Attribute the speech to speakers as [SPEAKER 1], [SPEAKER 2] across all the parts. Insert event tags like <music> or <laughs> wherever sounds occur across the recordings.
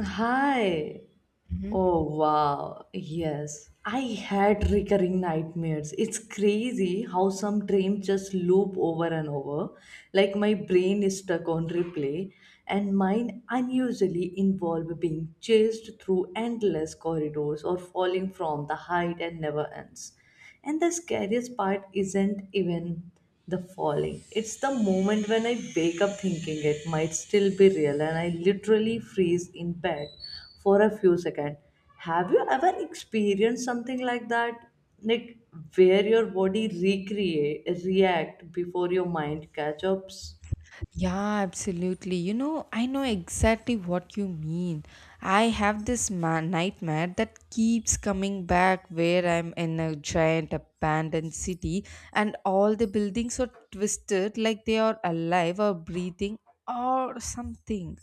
[SPEAKER 1] Hi.
[SPEAKER 2] Mhm.
[SPEAKER 1] Oh wow. Yes. I had recurring nightmares. It's crazy how some dreams just loop over and over. Like my brain is stuck on replay, and mine unusually involve being chased through endless corridors or falling from the height and never ends. And the scariest part isn't even the falling. It's the moment when I wake up thinking it might still be real and I literally freeze in bed for a few seconds. Have you ever experienced something like that? Like where your body recreate react before your mind catch ups?
[SPEAKER 2] Yeah, absolutely. I know exactly what you mean. I have this nightmare that keeps coming back where I'm in a giant abandoned city, and all the buildings are twisted like they are alive or breathing or something.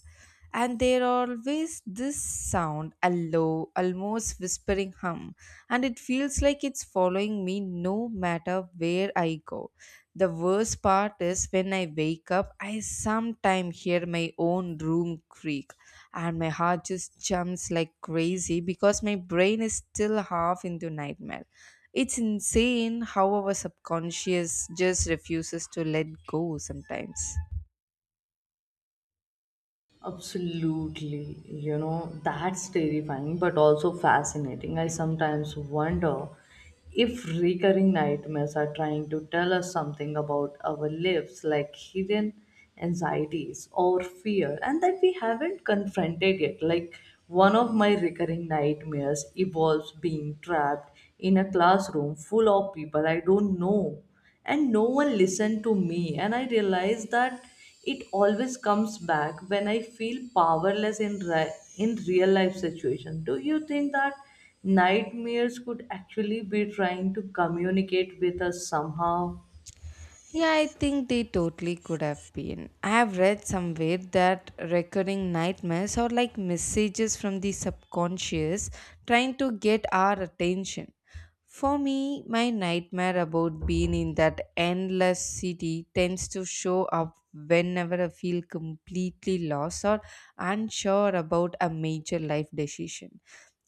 [SPEAKER 2] And there always this sound, a low, almost whispering hum, and it feels like it's following me no matter where I go. The worst part is when I wake up, I sometimes hear my own room creak and my heart just jumps like crazy because my brain is still half into nightmare. It's insane how our subconscious just refuses to let go sometimes.
[SPEAKER 1] Absolutely. You know, that's terrifying but also fascinating. I sometimes wonder if recurring nightmares are trying to tell us something about our lives, like hidden anxieties or fear, and that we haven't confronted yet. Like one of my recurring nightmares involves being trapped in a classroom full of people I don't know and no one listened to me and I realized that it always comes back when I feel powerless in real life situation. Do you think that nightmares could actually be trying to communicate with us somehow?
[SPEAKER 2] Yeah, I think they totally could have been. I have read somewhere that recurring nightmares are like messages from the subconscious trying to get our attention. For me, my nightmare about being in that endless city tends to show up whenever I feel completely lost or unsure about a major life decision.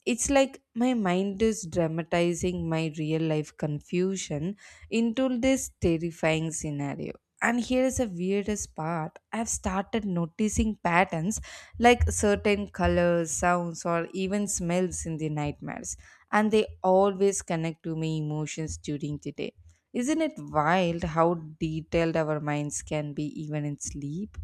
[SPEAKER 2] It's like my mind is dramatizing my real life confusion into this terrifying scenario. And here is the weirdest part. I've started noticing patterns like certain colors, sounds, or even smells in the nightmares, and they always connect to my emotions during the day. Isn't it wild how detailed our minds can be even in sleep?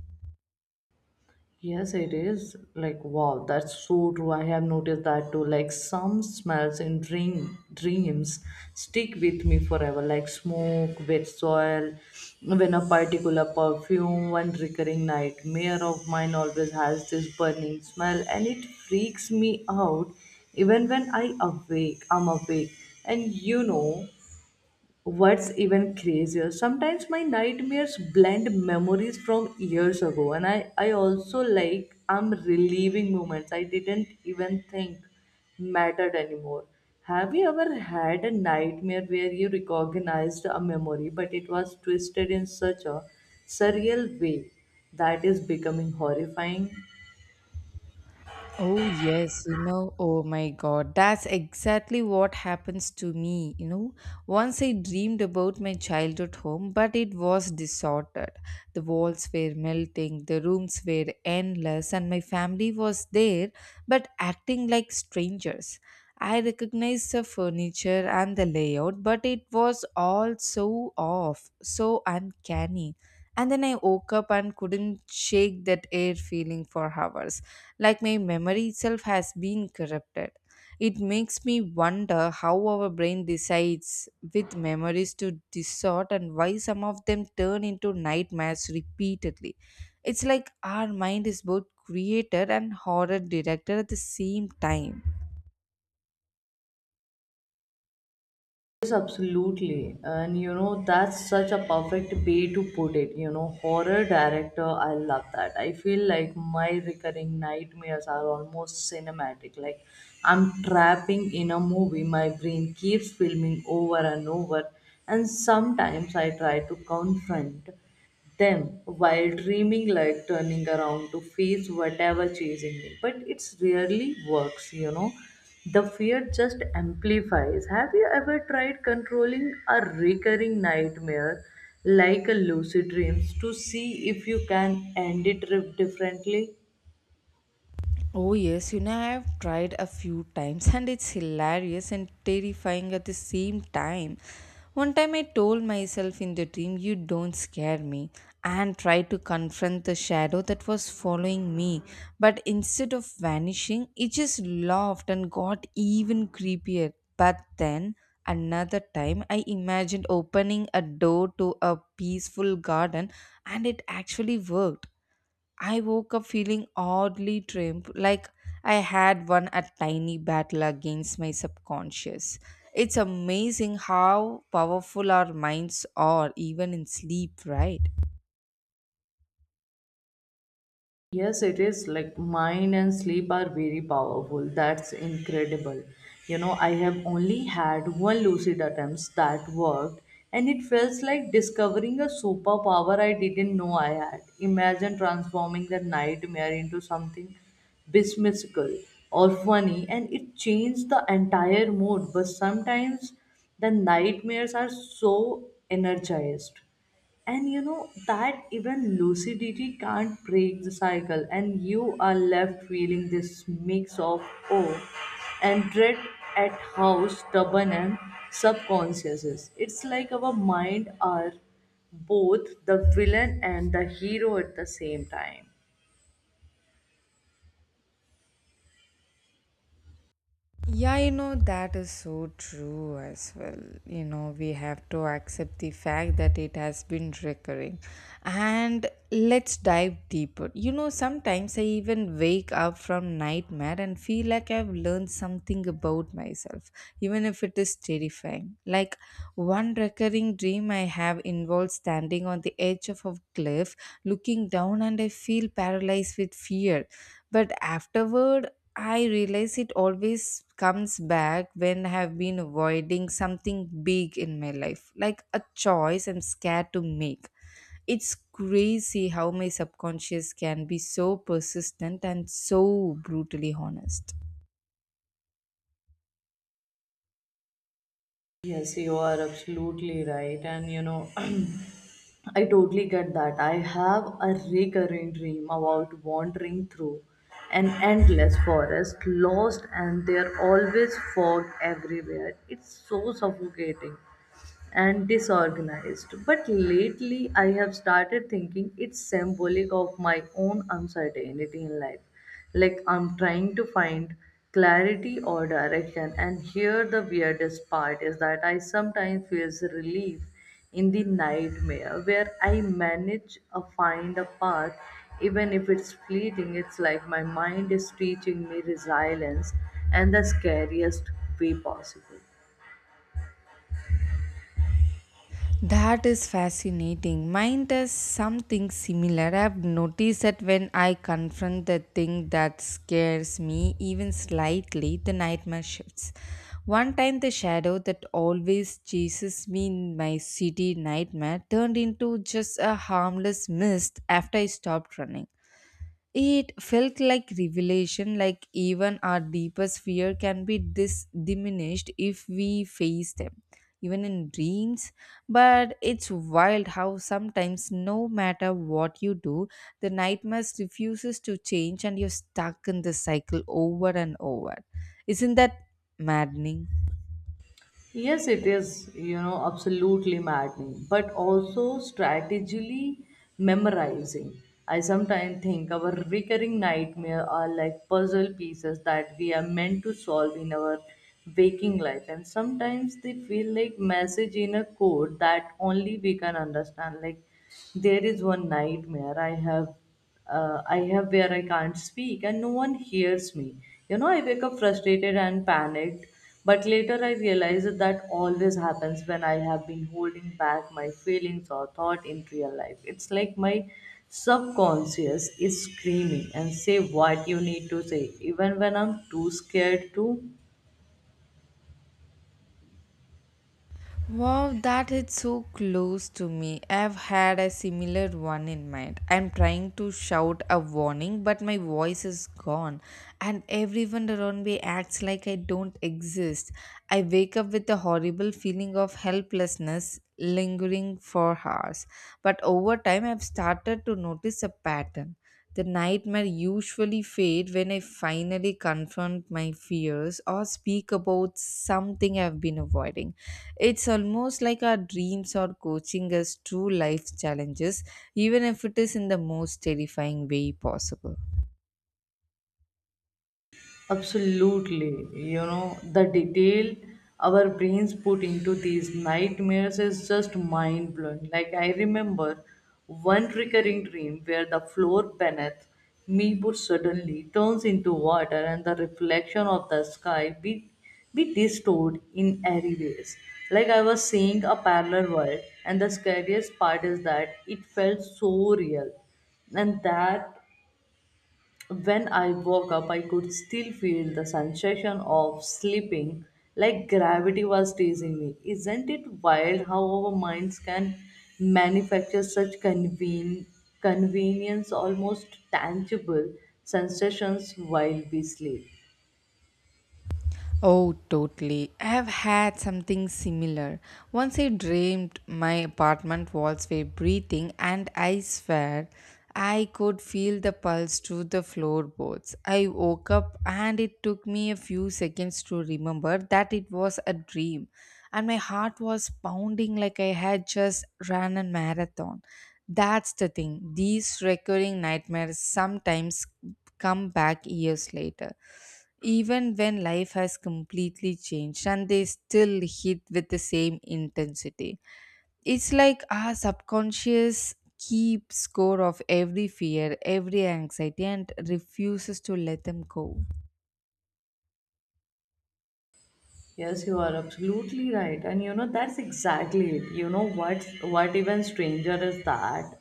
[SPEAKER 1] Yes, it is. Like, wow, that's so true. I have noticed that too. Like, some smells in dreams stick with me forever, like smoke, wet soil. When a particular perfume, one recurring nightmare of mine always has this burning smell, and it freaks me out even when I awake. I'm awake, and you know. What's even crazier, sometimes my nightmares blend memories from years ago, and I also like I'm reliving moments I didn't even think mattered anymore. Have you ever had a nightmare where you recognized a memory but it was twisted in such a surreal way that is becoming horrifying?
[SPEAKER 2] Oh, yes, oh my God, that's exactly what happens to me. Once I dreamed about my childhood home, but it was disordered. The walls were melting, the rooms were endless, and my family was there, but acting like strangers. I recognized the furniture and the layout, but it was all so off, so uncanny. And then I woke up and couldn't shake that air feeling for hours, like my memory itself has been corrupted. It makes me wonder how our brain decides with memories to distort and why some of them turn into nightmares repeatedly. It's like our mind is both creator and horror director at the same time.
[SPEAKER 1] Yes, absolutely. And you know, that's such a perfect way to put it. You know, horror director, I love that. I feel like my recurring nightmares are almost cinematic. Like I'm trapping in a movie, my brain keeps filming over and over. And sometimes I try to confront them while dreaming, like turning around to face whatever chasing me, but it's rarely works, you know, the fear just amplifies. Have you ever tried controlling a recurring nightmare like a lucid dreams to see if you can differently?
[SPEAKER 2] Oh, yes, I've tried a few times and it's hilarious and terrifying at the same time. One time I told myself in the dream, "You don't scare me," and tried to confront the shadow that was following me. But instead of vanishing, it just laughed and got even creepier. But then another time, I imagined opening a door to a peaceful garden, and it actually worked. I woke up feeling oddly trimmed, like I had won a tiny battle against my subconscious. It's amazing how powerful our minds are, even in sleep, right?
[SPEAKER 1] Yes, it is, like mind and sleep are very powerful. That's incredible. You know, I have only had one lucid attempt that worked, and it felt like discovering a superpower I didn't know I had. Imagine transforming the nightmare into something whimsical or funny, and it changed the entire mood. But sometimes the nightmares are so energized. And you know that even lucidity can't break the cycle, and you are left feeling this mix of awe and dread at how stubborn and subconscious is. It's like our mind are both the villain and the hero at the same time.
[SPEAKER 2] Yeah, that is so true as well. We have to accept the fact that it has been recurring. And let's dive deeper. Sometimes I even wake up from nightmare and feel like I've learned something about myself, even if it is terrifying. Like one recurring dream I have involves standing on the edge of a cliff, looking down, and I feel paralyzed with fear. But afterward, I realize it always comes back when I have been avoiding something big in my life, like a choice I'm scared to make. It's crazy how my subconscious can be so persistent and so brutally honest.
[SPEAKER 1] Yes, you are absolutely right. And you know, <clears throat> I totally get that. I have a recurring dream about wandering through an endless forest, lost, and there always fog everywhere. It's so suffocating and disorganized. But lately, I have started thinking it's symbolic of my own uncertainty in life. Like I'm trying to find clarity or direction, and here the weirdest part is that I sometimes feel relief in the nightmare where I manage a find a path, even if it's fleeting. It's like my mind is teaching me resilience and the scariest way possible.
[SPEAKER 2] That is fascinating. Mine does something similar. I've noticed that when I confront the thing that scares me even slightly, the nightmare shifts. One time, the shadow that always chases me in my city nightmare turned into just a harmless mist after I stopped running. It felt like revelation, like even our deepest fear can be diminished if we face them, even in dreams. But it's wild how sometimes, no matter what you do, the nightmare refuses to change and you're stuck in the cycle over and over. Isn't that maddening?
[SPEAKER 1] Yes, it is, you know, absolutely maddening, but also strategically memorizing. I sometimes think our recurring nightmare are like puzzle pieces that we are meant to solve in our waking life, and sometimes they feel like message in a code that only we can understand. Like there is one nightmare I have where I can't speak and no one hears me. You know, I wake up frustrated and panicked, but later I realize that that always happens when I have been holding back my feelings or thought in real life. It's like my subconscious is screaming and say what you need to say, even when I'm too scared to.
[SPEAKER 2] Wow, that is so close to me. I've had a similar one in mind. I'm trying to shout a warning, but my voice is gone, and everyone around me acts like I don't exist. I wake up with a horrible feeling of helplessness lingering for hours. But over time, I've started to notice a pattern. The nightmare usually fade when I finally confront my fears or speak about something I've been avoiding. It's almost like our dreams are coaching us through life challenges, even if it is in the most terrifying way possible.
[SPEAKER 1] Absolutely. You know, the detail our brains put into these nightmares is just mind blowing. Like, I remember one recurring dream where the floor beneath me would suddenly turns into water and the reflection of the sky be distorted in airy ways. Like, I was seeing a parallel world, and the scariest part is that it felt so real and that when I woke up, I could still feel the sensation of sleeping, like gravity was teasing me. Isn't it wild how our minds can manufacture convenience, almost tangible sensations while we sleep?
[SPEAKER 2] Oh, totally. I have had something similar. Once I dreamed my apartment walls were breathing, and I swear I could feel the pulse through the floorboards. I woke up, and it took me a few seconds to remember that it was a dream, and my heart was pounding like I had just ran a marathon. That's the thing, these recurring nightmares sometimes come back years later even when life has completely changed, and they still hit with the same intensity. It's like our subconscious keeps score of every fear, every anxiety, and refuses to let them go.
[SPEAKER 1] Yes, you are absolutely right. And you know, that's exactly it. You know, what's what even stranger is that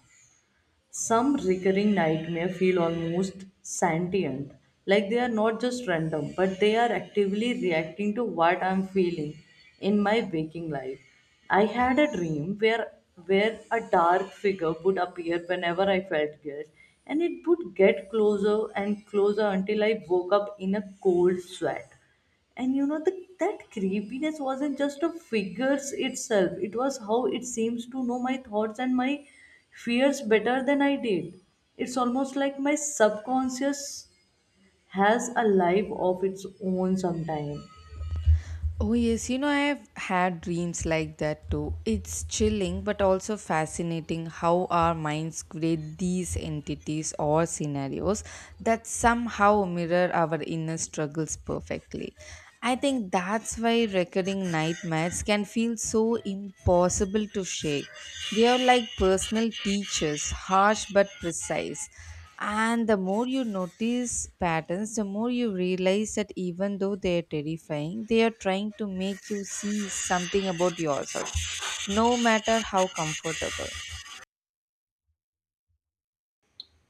[SPEAKER 1] some recurring nightmare feel almost sentient, like they are not just random, but they are actively reacting to what I'm feeling in my waking life. I had a dream where a dark figure would appear whenever I felt guilt, and it would get closer and closer until I woke up in a cold sweat. And you know that creepiness wasn't just of figures itself. It was how it seems to know my thoughts and my fears better than I did. It's almost like my subconscious has a life of its own sometime.
[SPEAKER 2] Oh, yes, I've had dreams like that too. It's chilling but also fascinating how our minds create these entities or scenarios that somehow mirror our inner struggles perfectly. I think that's why recurring nightmares can feel so impossible to shake. They are like personal teachers, harsh but precise. And the more you notice patterns, the more you realize that even though they are terrifying, they are trying to make you see something about yourself, no matter how comfortable.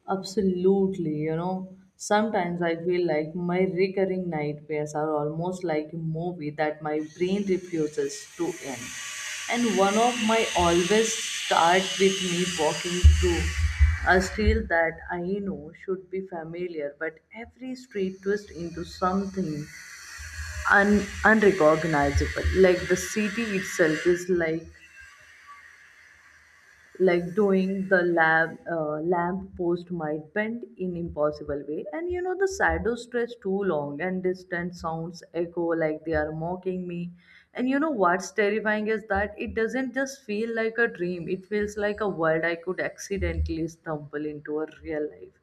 [SPEAKER 1] Absolutely, you know, sometimes I feel like my recurring nightmares are almost like a movie that my brain refuses to end. And one of my always start with me walking through a street that I know should be familiar, but every street twists into something unrecognizable. Like the city itself is like doing the lab lamp post might bend in impossible way, and you know the shadow stretch too long and distant sounds echo like they are mocking me. And you know what's terrifying is that it doesn't just feel like a dream, it feels like a world I could accidentally stumble into a real life.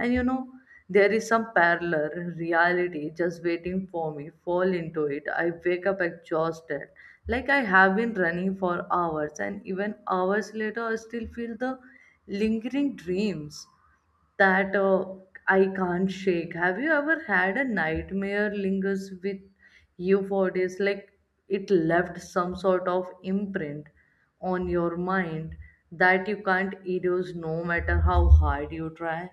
[SPEAKER 1] And you know, there is some parallel reality just waiting for me, fall into it. I wake up exhausted, like I have been running for hours, and even hours later, I still feel the lingering dreams that I can't shake. Have you ever had a nightmare lingers with you for days? Like it left some sort of imprint on your mind that you can't erase no matter how hard you try.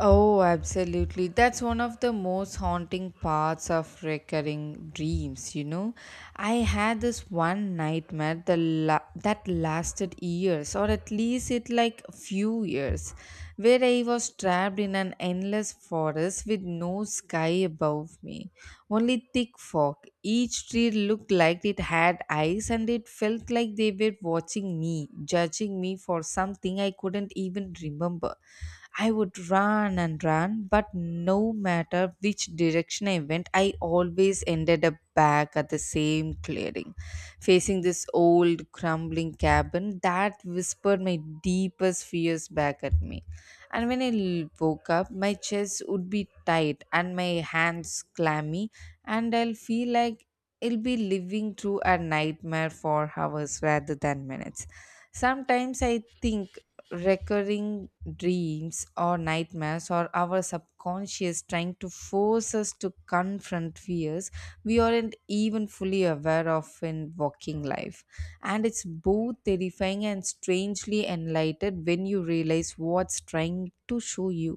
[SPEAKER 2] Oh, absolutely. That's one of the most haunting parts of recurring dreams. I had this one nightmare the that lasted years, or at least it like few years, where I was trapped in an endless forest with no sky above me, only thick fog. Each tree looked like it had eyes and it felt like they were watching me, judging me for something I couldn't even remember. I would run and run, but no matter which direction I went, I always ended up back at the same clearing, facing this old crumbling cabin that whispered my deepest fears back at me. And when I woke up, my chest would be tight and my hands clammy, and I'll feel like I'll be living through a nightmare for hours rather than minutes. Sometimes I think recurring dreams or nightmares or our subconscious trying to force us to confront fears we aren't even fully aware of in walking life, and it's both terrifying and strangely enlightened when you realize what's trying to show you.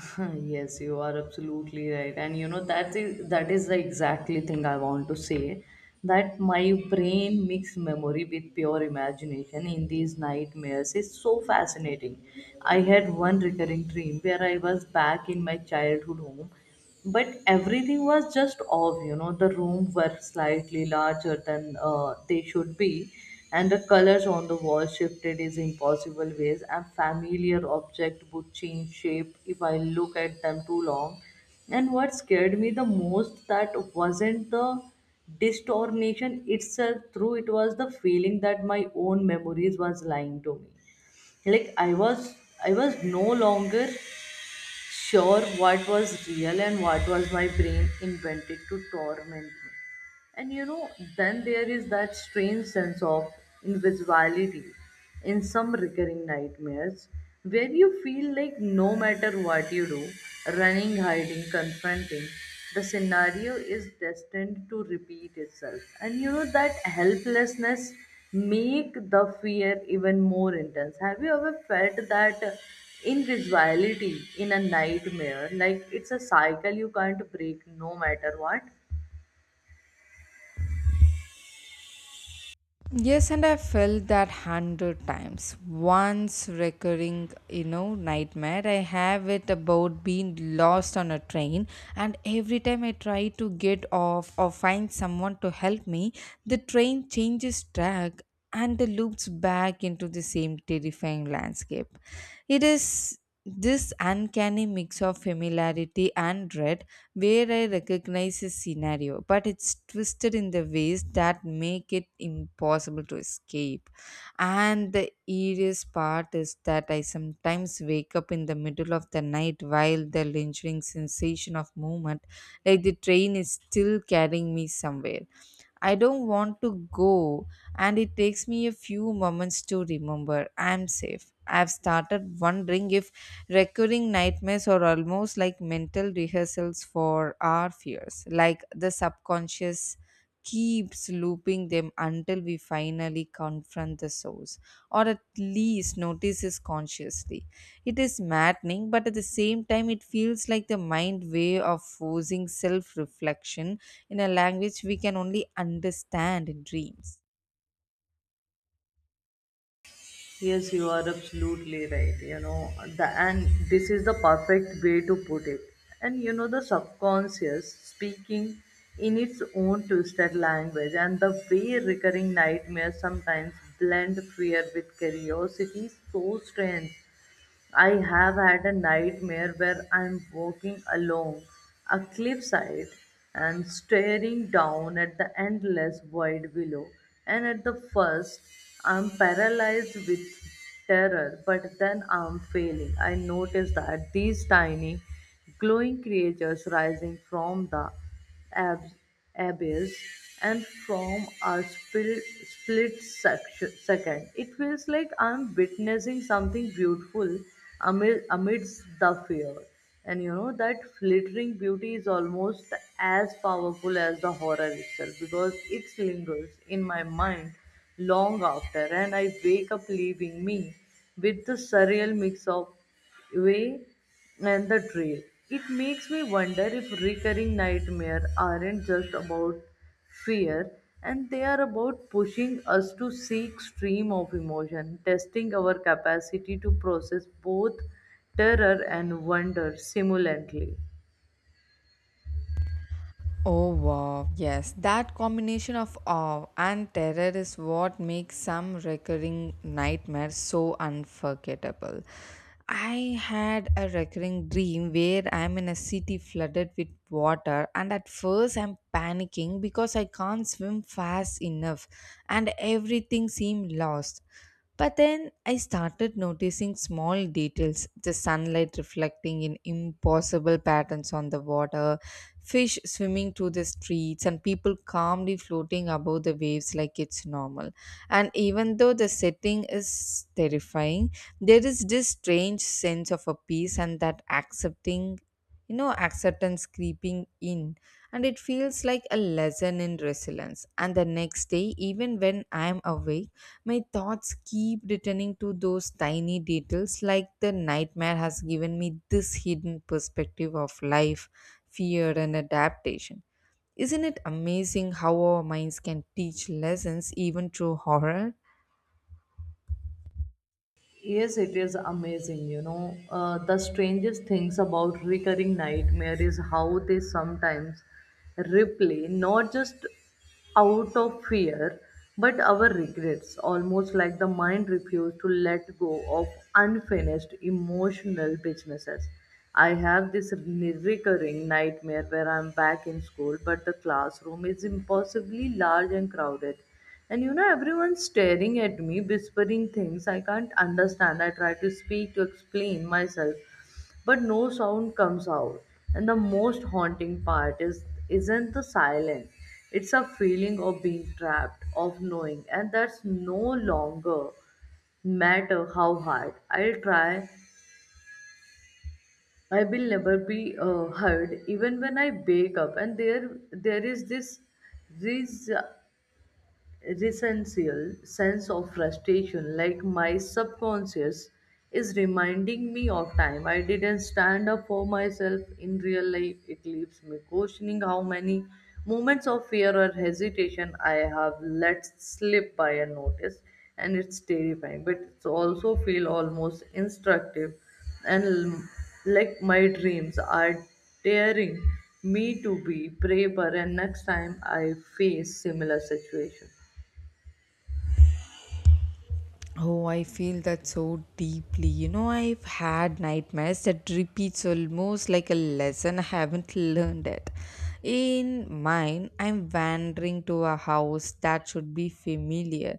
[SPEAKER 1] <laughs> Yes, you are absolutely right, and you know that is the exactly thing I want to say, that my brain mixed memory with pure imagination in these nightmares is so fascinating. I had one recurring dream where I was back in my childhood home, but everything was just off. You know, the room were slightly larger than they should be, and the colors on the wall shifted in impossible ways, and familiar object would change shape if I look at them too long. And what scared me the most that wasn't the distortion itself, through it was the feeling that my own memories was lying to me. Like I was no longer sure what was real and what was my brain invented to torment me. And you know, then there is that strange sense of invisibility in some recurring nightmares where you feel like no matter what you do, running, hiding, confronting, the scenario is destined to repeat itself. And you know, that helplessness make the fear even more intense. Have you ever felt that invisibility in a nightmare, like it's a cycle you can't break no matter what?
[SPEAKER 2] Yes, and I felt that hundred times. Once recurring, nightmare I have it about being lost on a train, and every time I try to get off or find someone to help me, the train changes track and the loops back into the same terrifying landscape. It is this uncanny mix of familiarity and dread where I recognize his scenario, but it's twisted in the ways that make it impossible to escape. And the eeriest part is that I sometimes wake up in the middle of the night while the lingering sensation of movement, like the train is still carrying me somewhere. I don't want to go, and it takes me a few moments to remember I'm safe. I've started wondering if recurring nightmares are almost like mental rehearsals for our fears, like the subconscious keeps looping them until we finally confront the source, or at least notices consciously. It is maddening, but at the same time, it feels like the mind way of forcing self reflection in a language we can only understand in dreams.
[SPEAKER 1] Yes, you are absolutely right, you know. The and this is the perfect way to put it. And you know, the subconscious speaking in its own twisted language, and the way recurring nightmares sometimes blend fear with curiosity is so strange. I have had a nightmare where I'm walking along a cliffside and staring down at the endless void below. And at the first, I'm paralyzed with terror, but then I'm failing. I notice that these tiny glowing creatures rising from the Abs, abyss, and from a second. It feels like I'm witnessing something beautiful amidst the fear. And you know, that flittering beauty is almost as powerful as the horror itself, because it lingers in my mind long after, and I wake up leaving me with the surreal mix of way and the trail. It makes me wonder if recurring nightmares aren't just about fear, and they are about pushing us to seek extreme of emotion, testing our capacity to process both terror and wonder simultaneously.
[SPEAKER 2] Oh wow, yes, that combination of awe and terror is what makes some recurring nightmares so unforgettable. I had a recurring dream where I'm in a city flooded with water, and at first I'm panicking because I can't swim fast enough and everything seemed lost. But then I started noticing small details, the sunlight reflecting in impossible patterns on the water, fish swimming through the streets, and people calmly floating above the waves like it's normal. And even though the setting is terrifying, there is this strange sense of a peace and that accepting, acceptance creeping in, and it feels like a lesson in resilience. And the next day, even when I am awake, my thoughts keep returning to those tiny details, like the nightmare has given me this hidden perspective of life, fear, and adaptation. Isn't it amazing how our minds can teach lessons even through horror?
[SPEAKER 1] Yes, it is amazing. You know, the strangest things about recurring nightmare is how they sometimes replay not just out of fear but our regrets, almost like the mind refused to let go of unfinished emotional businesses. I have this recurring nightmare where I'm back in school, but the classroom is impossibly large and crowded, and everyone's staring at me, whispering things I can't understand. I try to speak to explain myself, but no sound comes out. And the most haunting part is isn't the silence. It's a feeling of being trapped, of knowing, and that's no longer matter how hard I'll try. I will never be heard, even when I wake up. And there is this resential sense of frustration, like my subconscious is reminding me of time I didn't stand up for myself in real life. It leaves me questioning how many moments of fear or hesitation I have let slip by unnoticed, and it's terrifying, but it's also feel almost instructive, and like my dreams are daring me to be braver and next time I face similar situation.
[SPEAKER 2] Oh, I feel that so deeply. I've had nightmares that repeats almost like a lesson I haven't <laughs> learned it. In mine, I'm wandering to a house that should be familiar,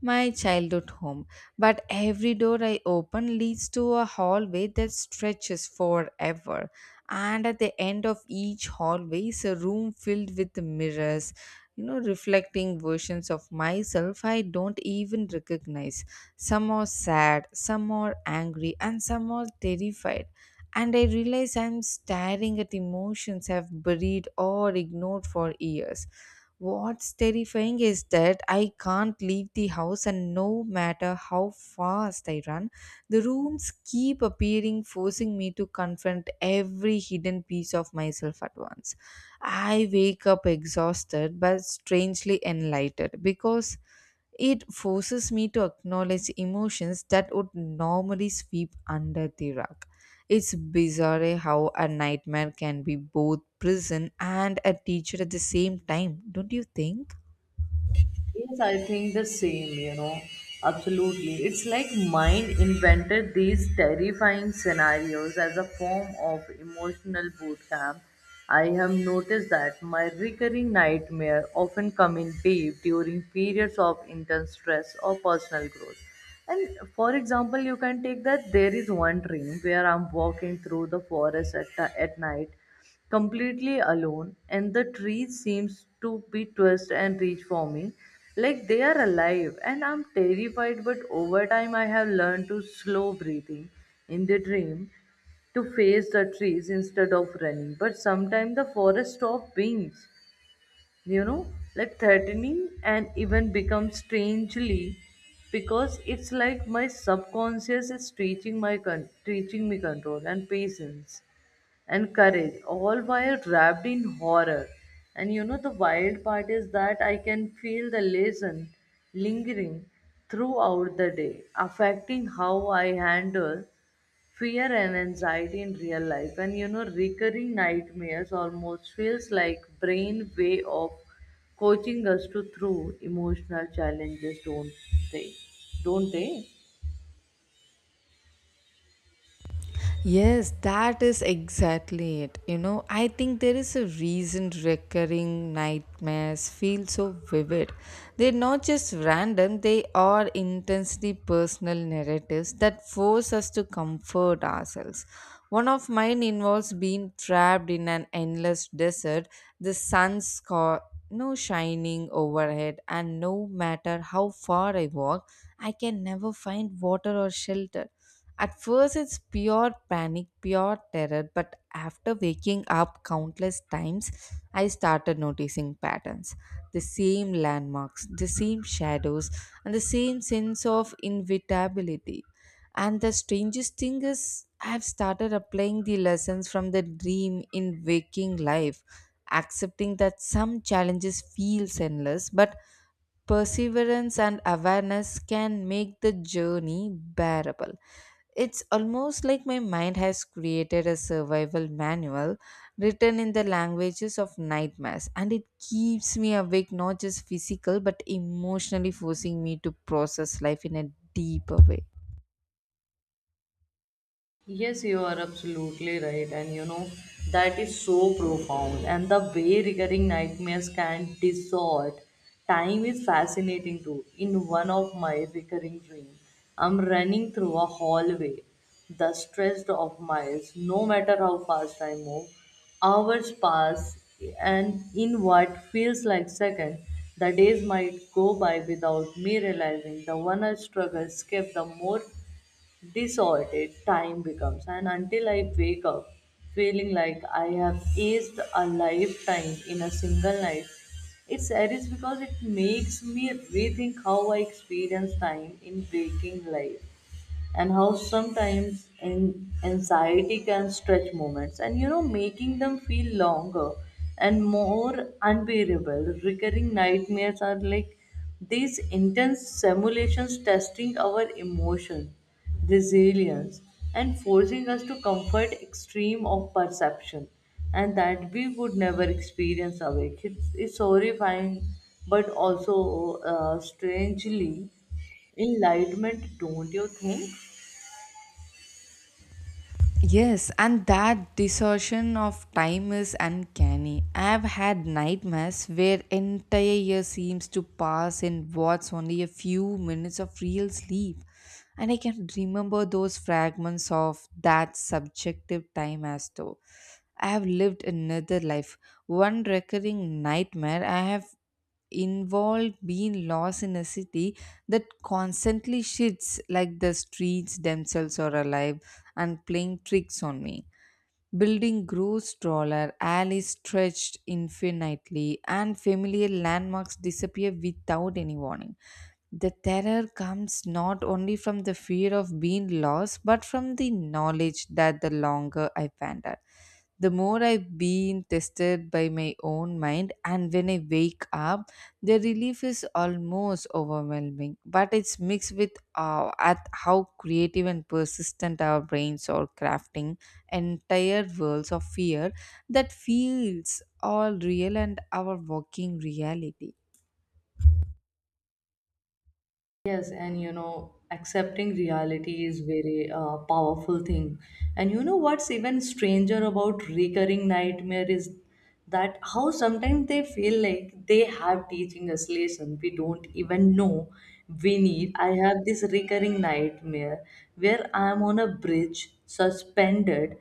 [SPEAKER 2] my childhood home. But every door I open leads to a hallway that stretches forever. And at the end of each hallway is a room filled with mirrors, you know, reflecting versions of myself I don't even recognize. Some are sad, some are angry, and some are terrified. And I realize I'm staring at emotions I've buried or ignored for years. What's terrifying is that I can't leave the house, and no matter how fast I run, the rooms keep appearing, forcing me to confront every hidden piece of myself at once. I wake up exhausted but strangely enlightened because it forces me to acknowledge emotions that would normally sweep under the rug. It's bizarre how a nightmare can be both prison and a teacher at the same time, don't you think?
[SPEAKER 1] Yes, I think the same, you know. Absolutely. It's like mind invented these terrifying scenarios as a form of emotional boot camp. I have noticed that my recurring nightmare often come in deep during periods of intense stress or personal growth. And for example, you can take that there is one dream where I'm walking through the forest at night, completely alone, and the trees seems to be twist and reach for me, like they are alive, and I'm terrified. But over time, I have learned to slow breathing in the dream, to face the trees instead of running. But sometimes the forest stop beings, you know like threatening, and even become strangely, because it's like my subconscious is teaching teaching me control and patience and courage, all while wrapped in horror. And the wild part is that I can feel the lesson lingering throughout the day, affecting how I handle fear and anxiety in real life. And recurring nightmares almost feels like brain way of coaching us to through emotional challenges, don't they, don't they?
[SPEAKER 2] Yes, that is exactly it. You know, I think there is a reason recurring nightmares feel so vivid. They're not just random, they are intensely personal narratives that force us to comfort ourselves. One of mine involves being trapped in an endless desert, the no shining overhead, and no matter how far I walk, I can never find water or shelter. At first, it's pure panic, pure terror, but after waking up countless times, I started noticing patterns. The same landmarks, the same shadows, and the same sense of inevitability. And the strangest thing is, I've started applying the lessons from the dream in waking life, accepting that some challenges feel endless, but perseverance and awareness can make the journey bearable. It's almost like my mind has created a survival manual written in the languages of nightmares, and it keeps me awake not just physical but emotionally, forcing me to process life in a deeper way.
[SPEAKER 1] Yes, you are absolutely right, and that is so profound. And the way recurring nightmares can distort time is fascinating too. In one of my recurring dreams, I'm running through a hallway, the stretched of miles. No matter how fast I move, hours pass, and in what feels like seconds, the days might go by without me realizing. The one I struggle escape, the more disordered time becomes, and until I wake up feeling like I have aced a lifetime in a single night. It's serious because it makes me rethink how I experience time in waking life, and how sometimes anxiety can stretch moments, and making them feel longer and more unbearable. Recurring nightmares are like these intense simulations, testing our emotion resilience and forcing us to comfort extreme of perception and that we would never experience awake. It's horrifying, but also strangely enlightenment, don't you think?
[SPEAKER 2] Yes, and that distortion of time is uncanny. I've had nightmares where entire year seems to pass in what's only a few minutes of real sleep. And I can remember those fragments of that subjective time as though I have lived another life. One recurring nightmare I have involved being lost in a city that constantly shifts, like the streets themselves are alive and playing tricks on me. Building grew taller, alleys stretched infinitely, and familiar landmarks disappear without any warning. The terror comes not only from the fear of being lost, but from the knowledge that the longer I wander, the more I've been tested by my own mind, and when I wake up, the relief is almost overwhelming, but it's mixed with at how creative and persistent our brains are crafting entire worlds of fear that feels all real and our walking reality.
[SPEAKER 1] Yes, and accepting reality is very powerful thing. And what's even stranger about recurring nightmare is that how sometimes they feel like they have teaching us lesson we don't even know we need. I have this recurring nightmare where I'm on a bridge suspended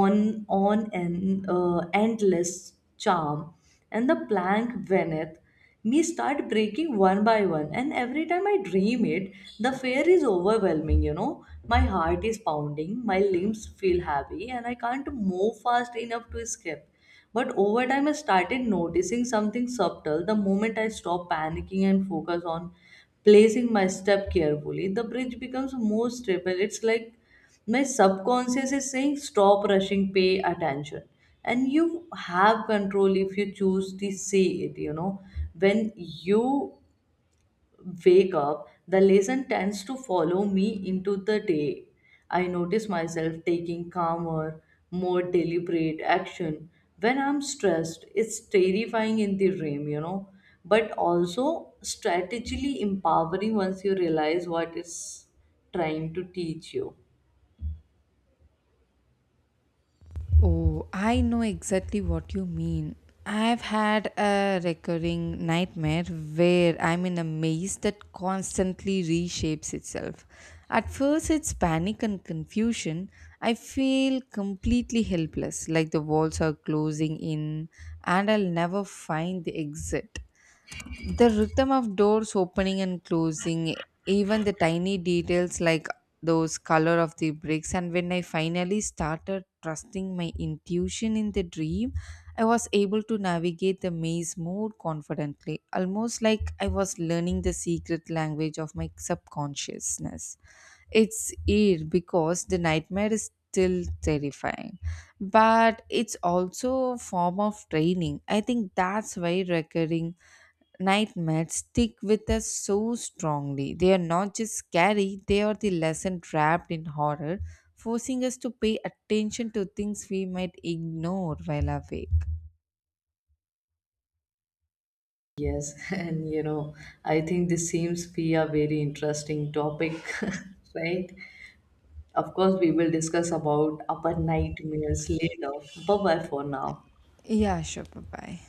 [SPEAKER 1] on an endless charm, and the plank beneath me start breaking one by one. And every time I dream it, the fear is overwhelming. My heart is pounding, my limbs feel heavy, and I can't move fast enough to escape. But over time I started noticing something subtle: the moment I stopped panicking and focus on placing my step carefully, the bridge becomes more stable. It's like my subconscious is saying, "Stop rushing, pay attention. And you have control if you choose to see it." When you wake up, the lesson tends to follow me into the day. I notice myself taking calmer, more deliberate action. When I'm stressed, it's terrifying in the dream, but also strategically empowering once you realize what it's trying to teach you.
[SPEAKER 2] Oh, I know exactly what you mean. I've had a recurring nightmare where I'm in a maze that constantly reshapes itself. At first, it's panic and confusion. I feel completely helpless, like the walls are closing in and I'll never find the exit. The rhythm of doors opening and closing, even the tiny details like those color of the bricks. And when I finally started trusting my intuition in the dream, I was able to navigate the maze more confidently, almost like I was learning the secret language of my subconsciousness. It's weird because the nightmare is still terrifying, but it's also a form of training, I think that's why recurring nightmares stick with us so strongly. They are not just scary, they are the lesson trapped in horror, forcing us to pay attention to things we might ignore while awake.
[SPEAKER 1] Yes, <laughs> and I think this seems be a very interesting topic, <laughs> right? Of course, we will discuss about our nightmares later. Bye bye for now.
[SPEAKER 2] Yeah, sure. Bye bye.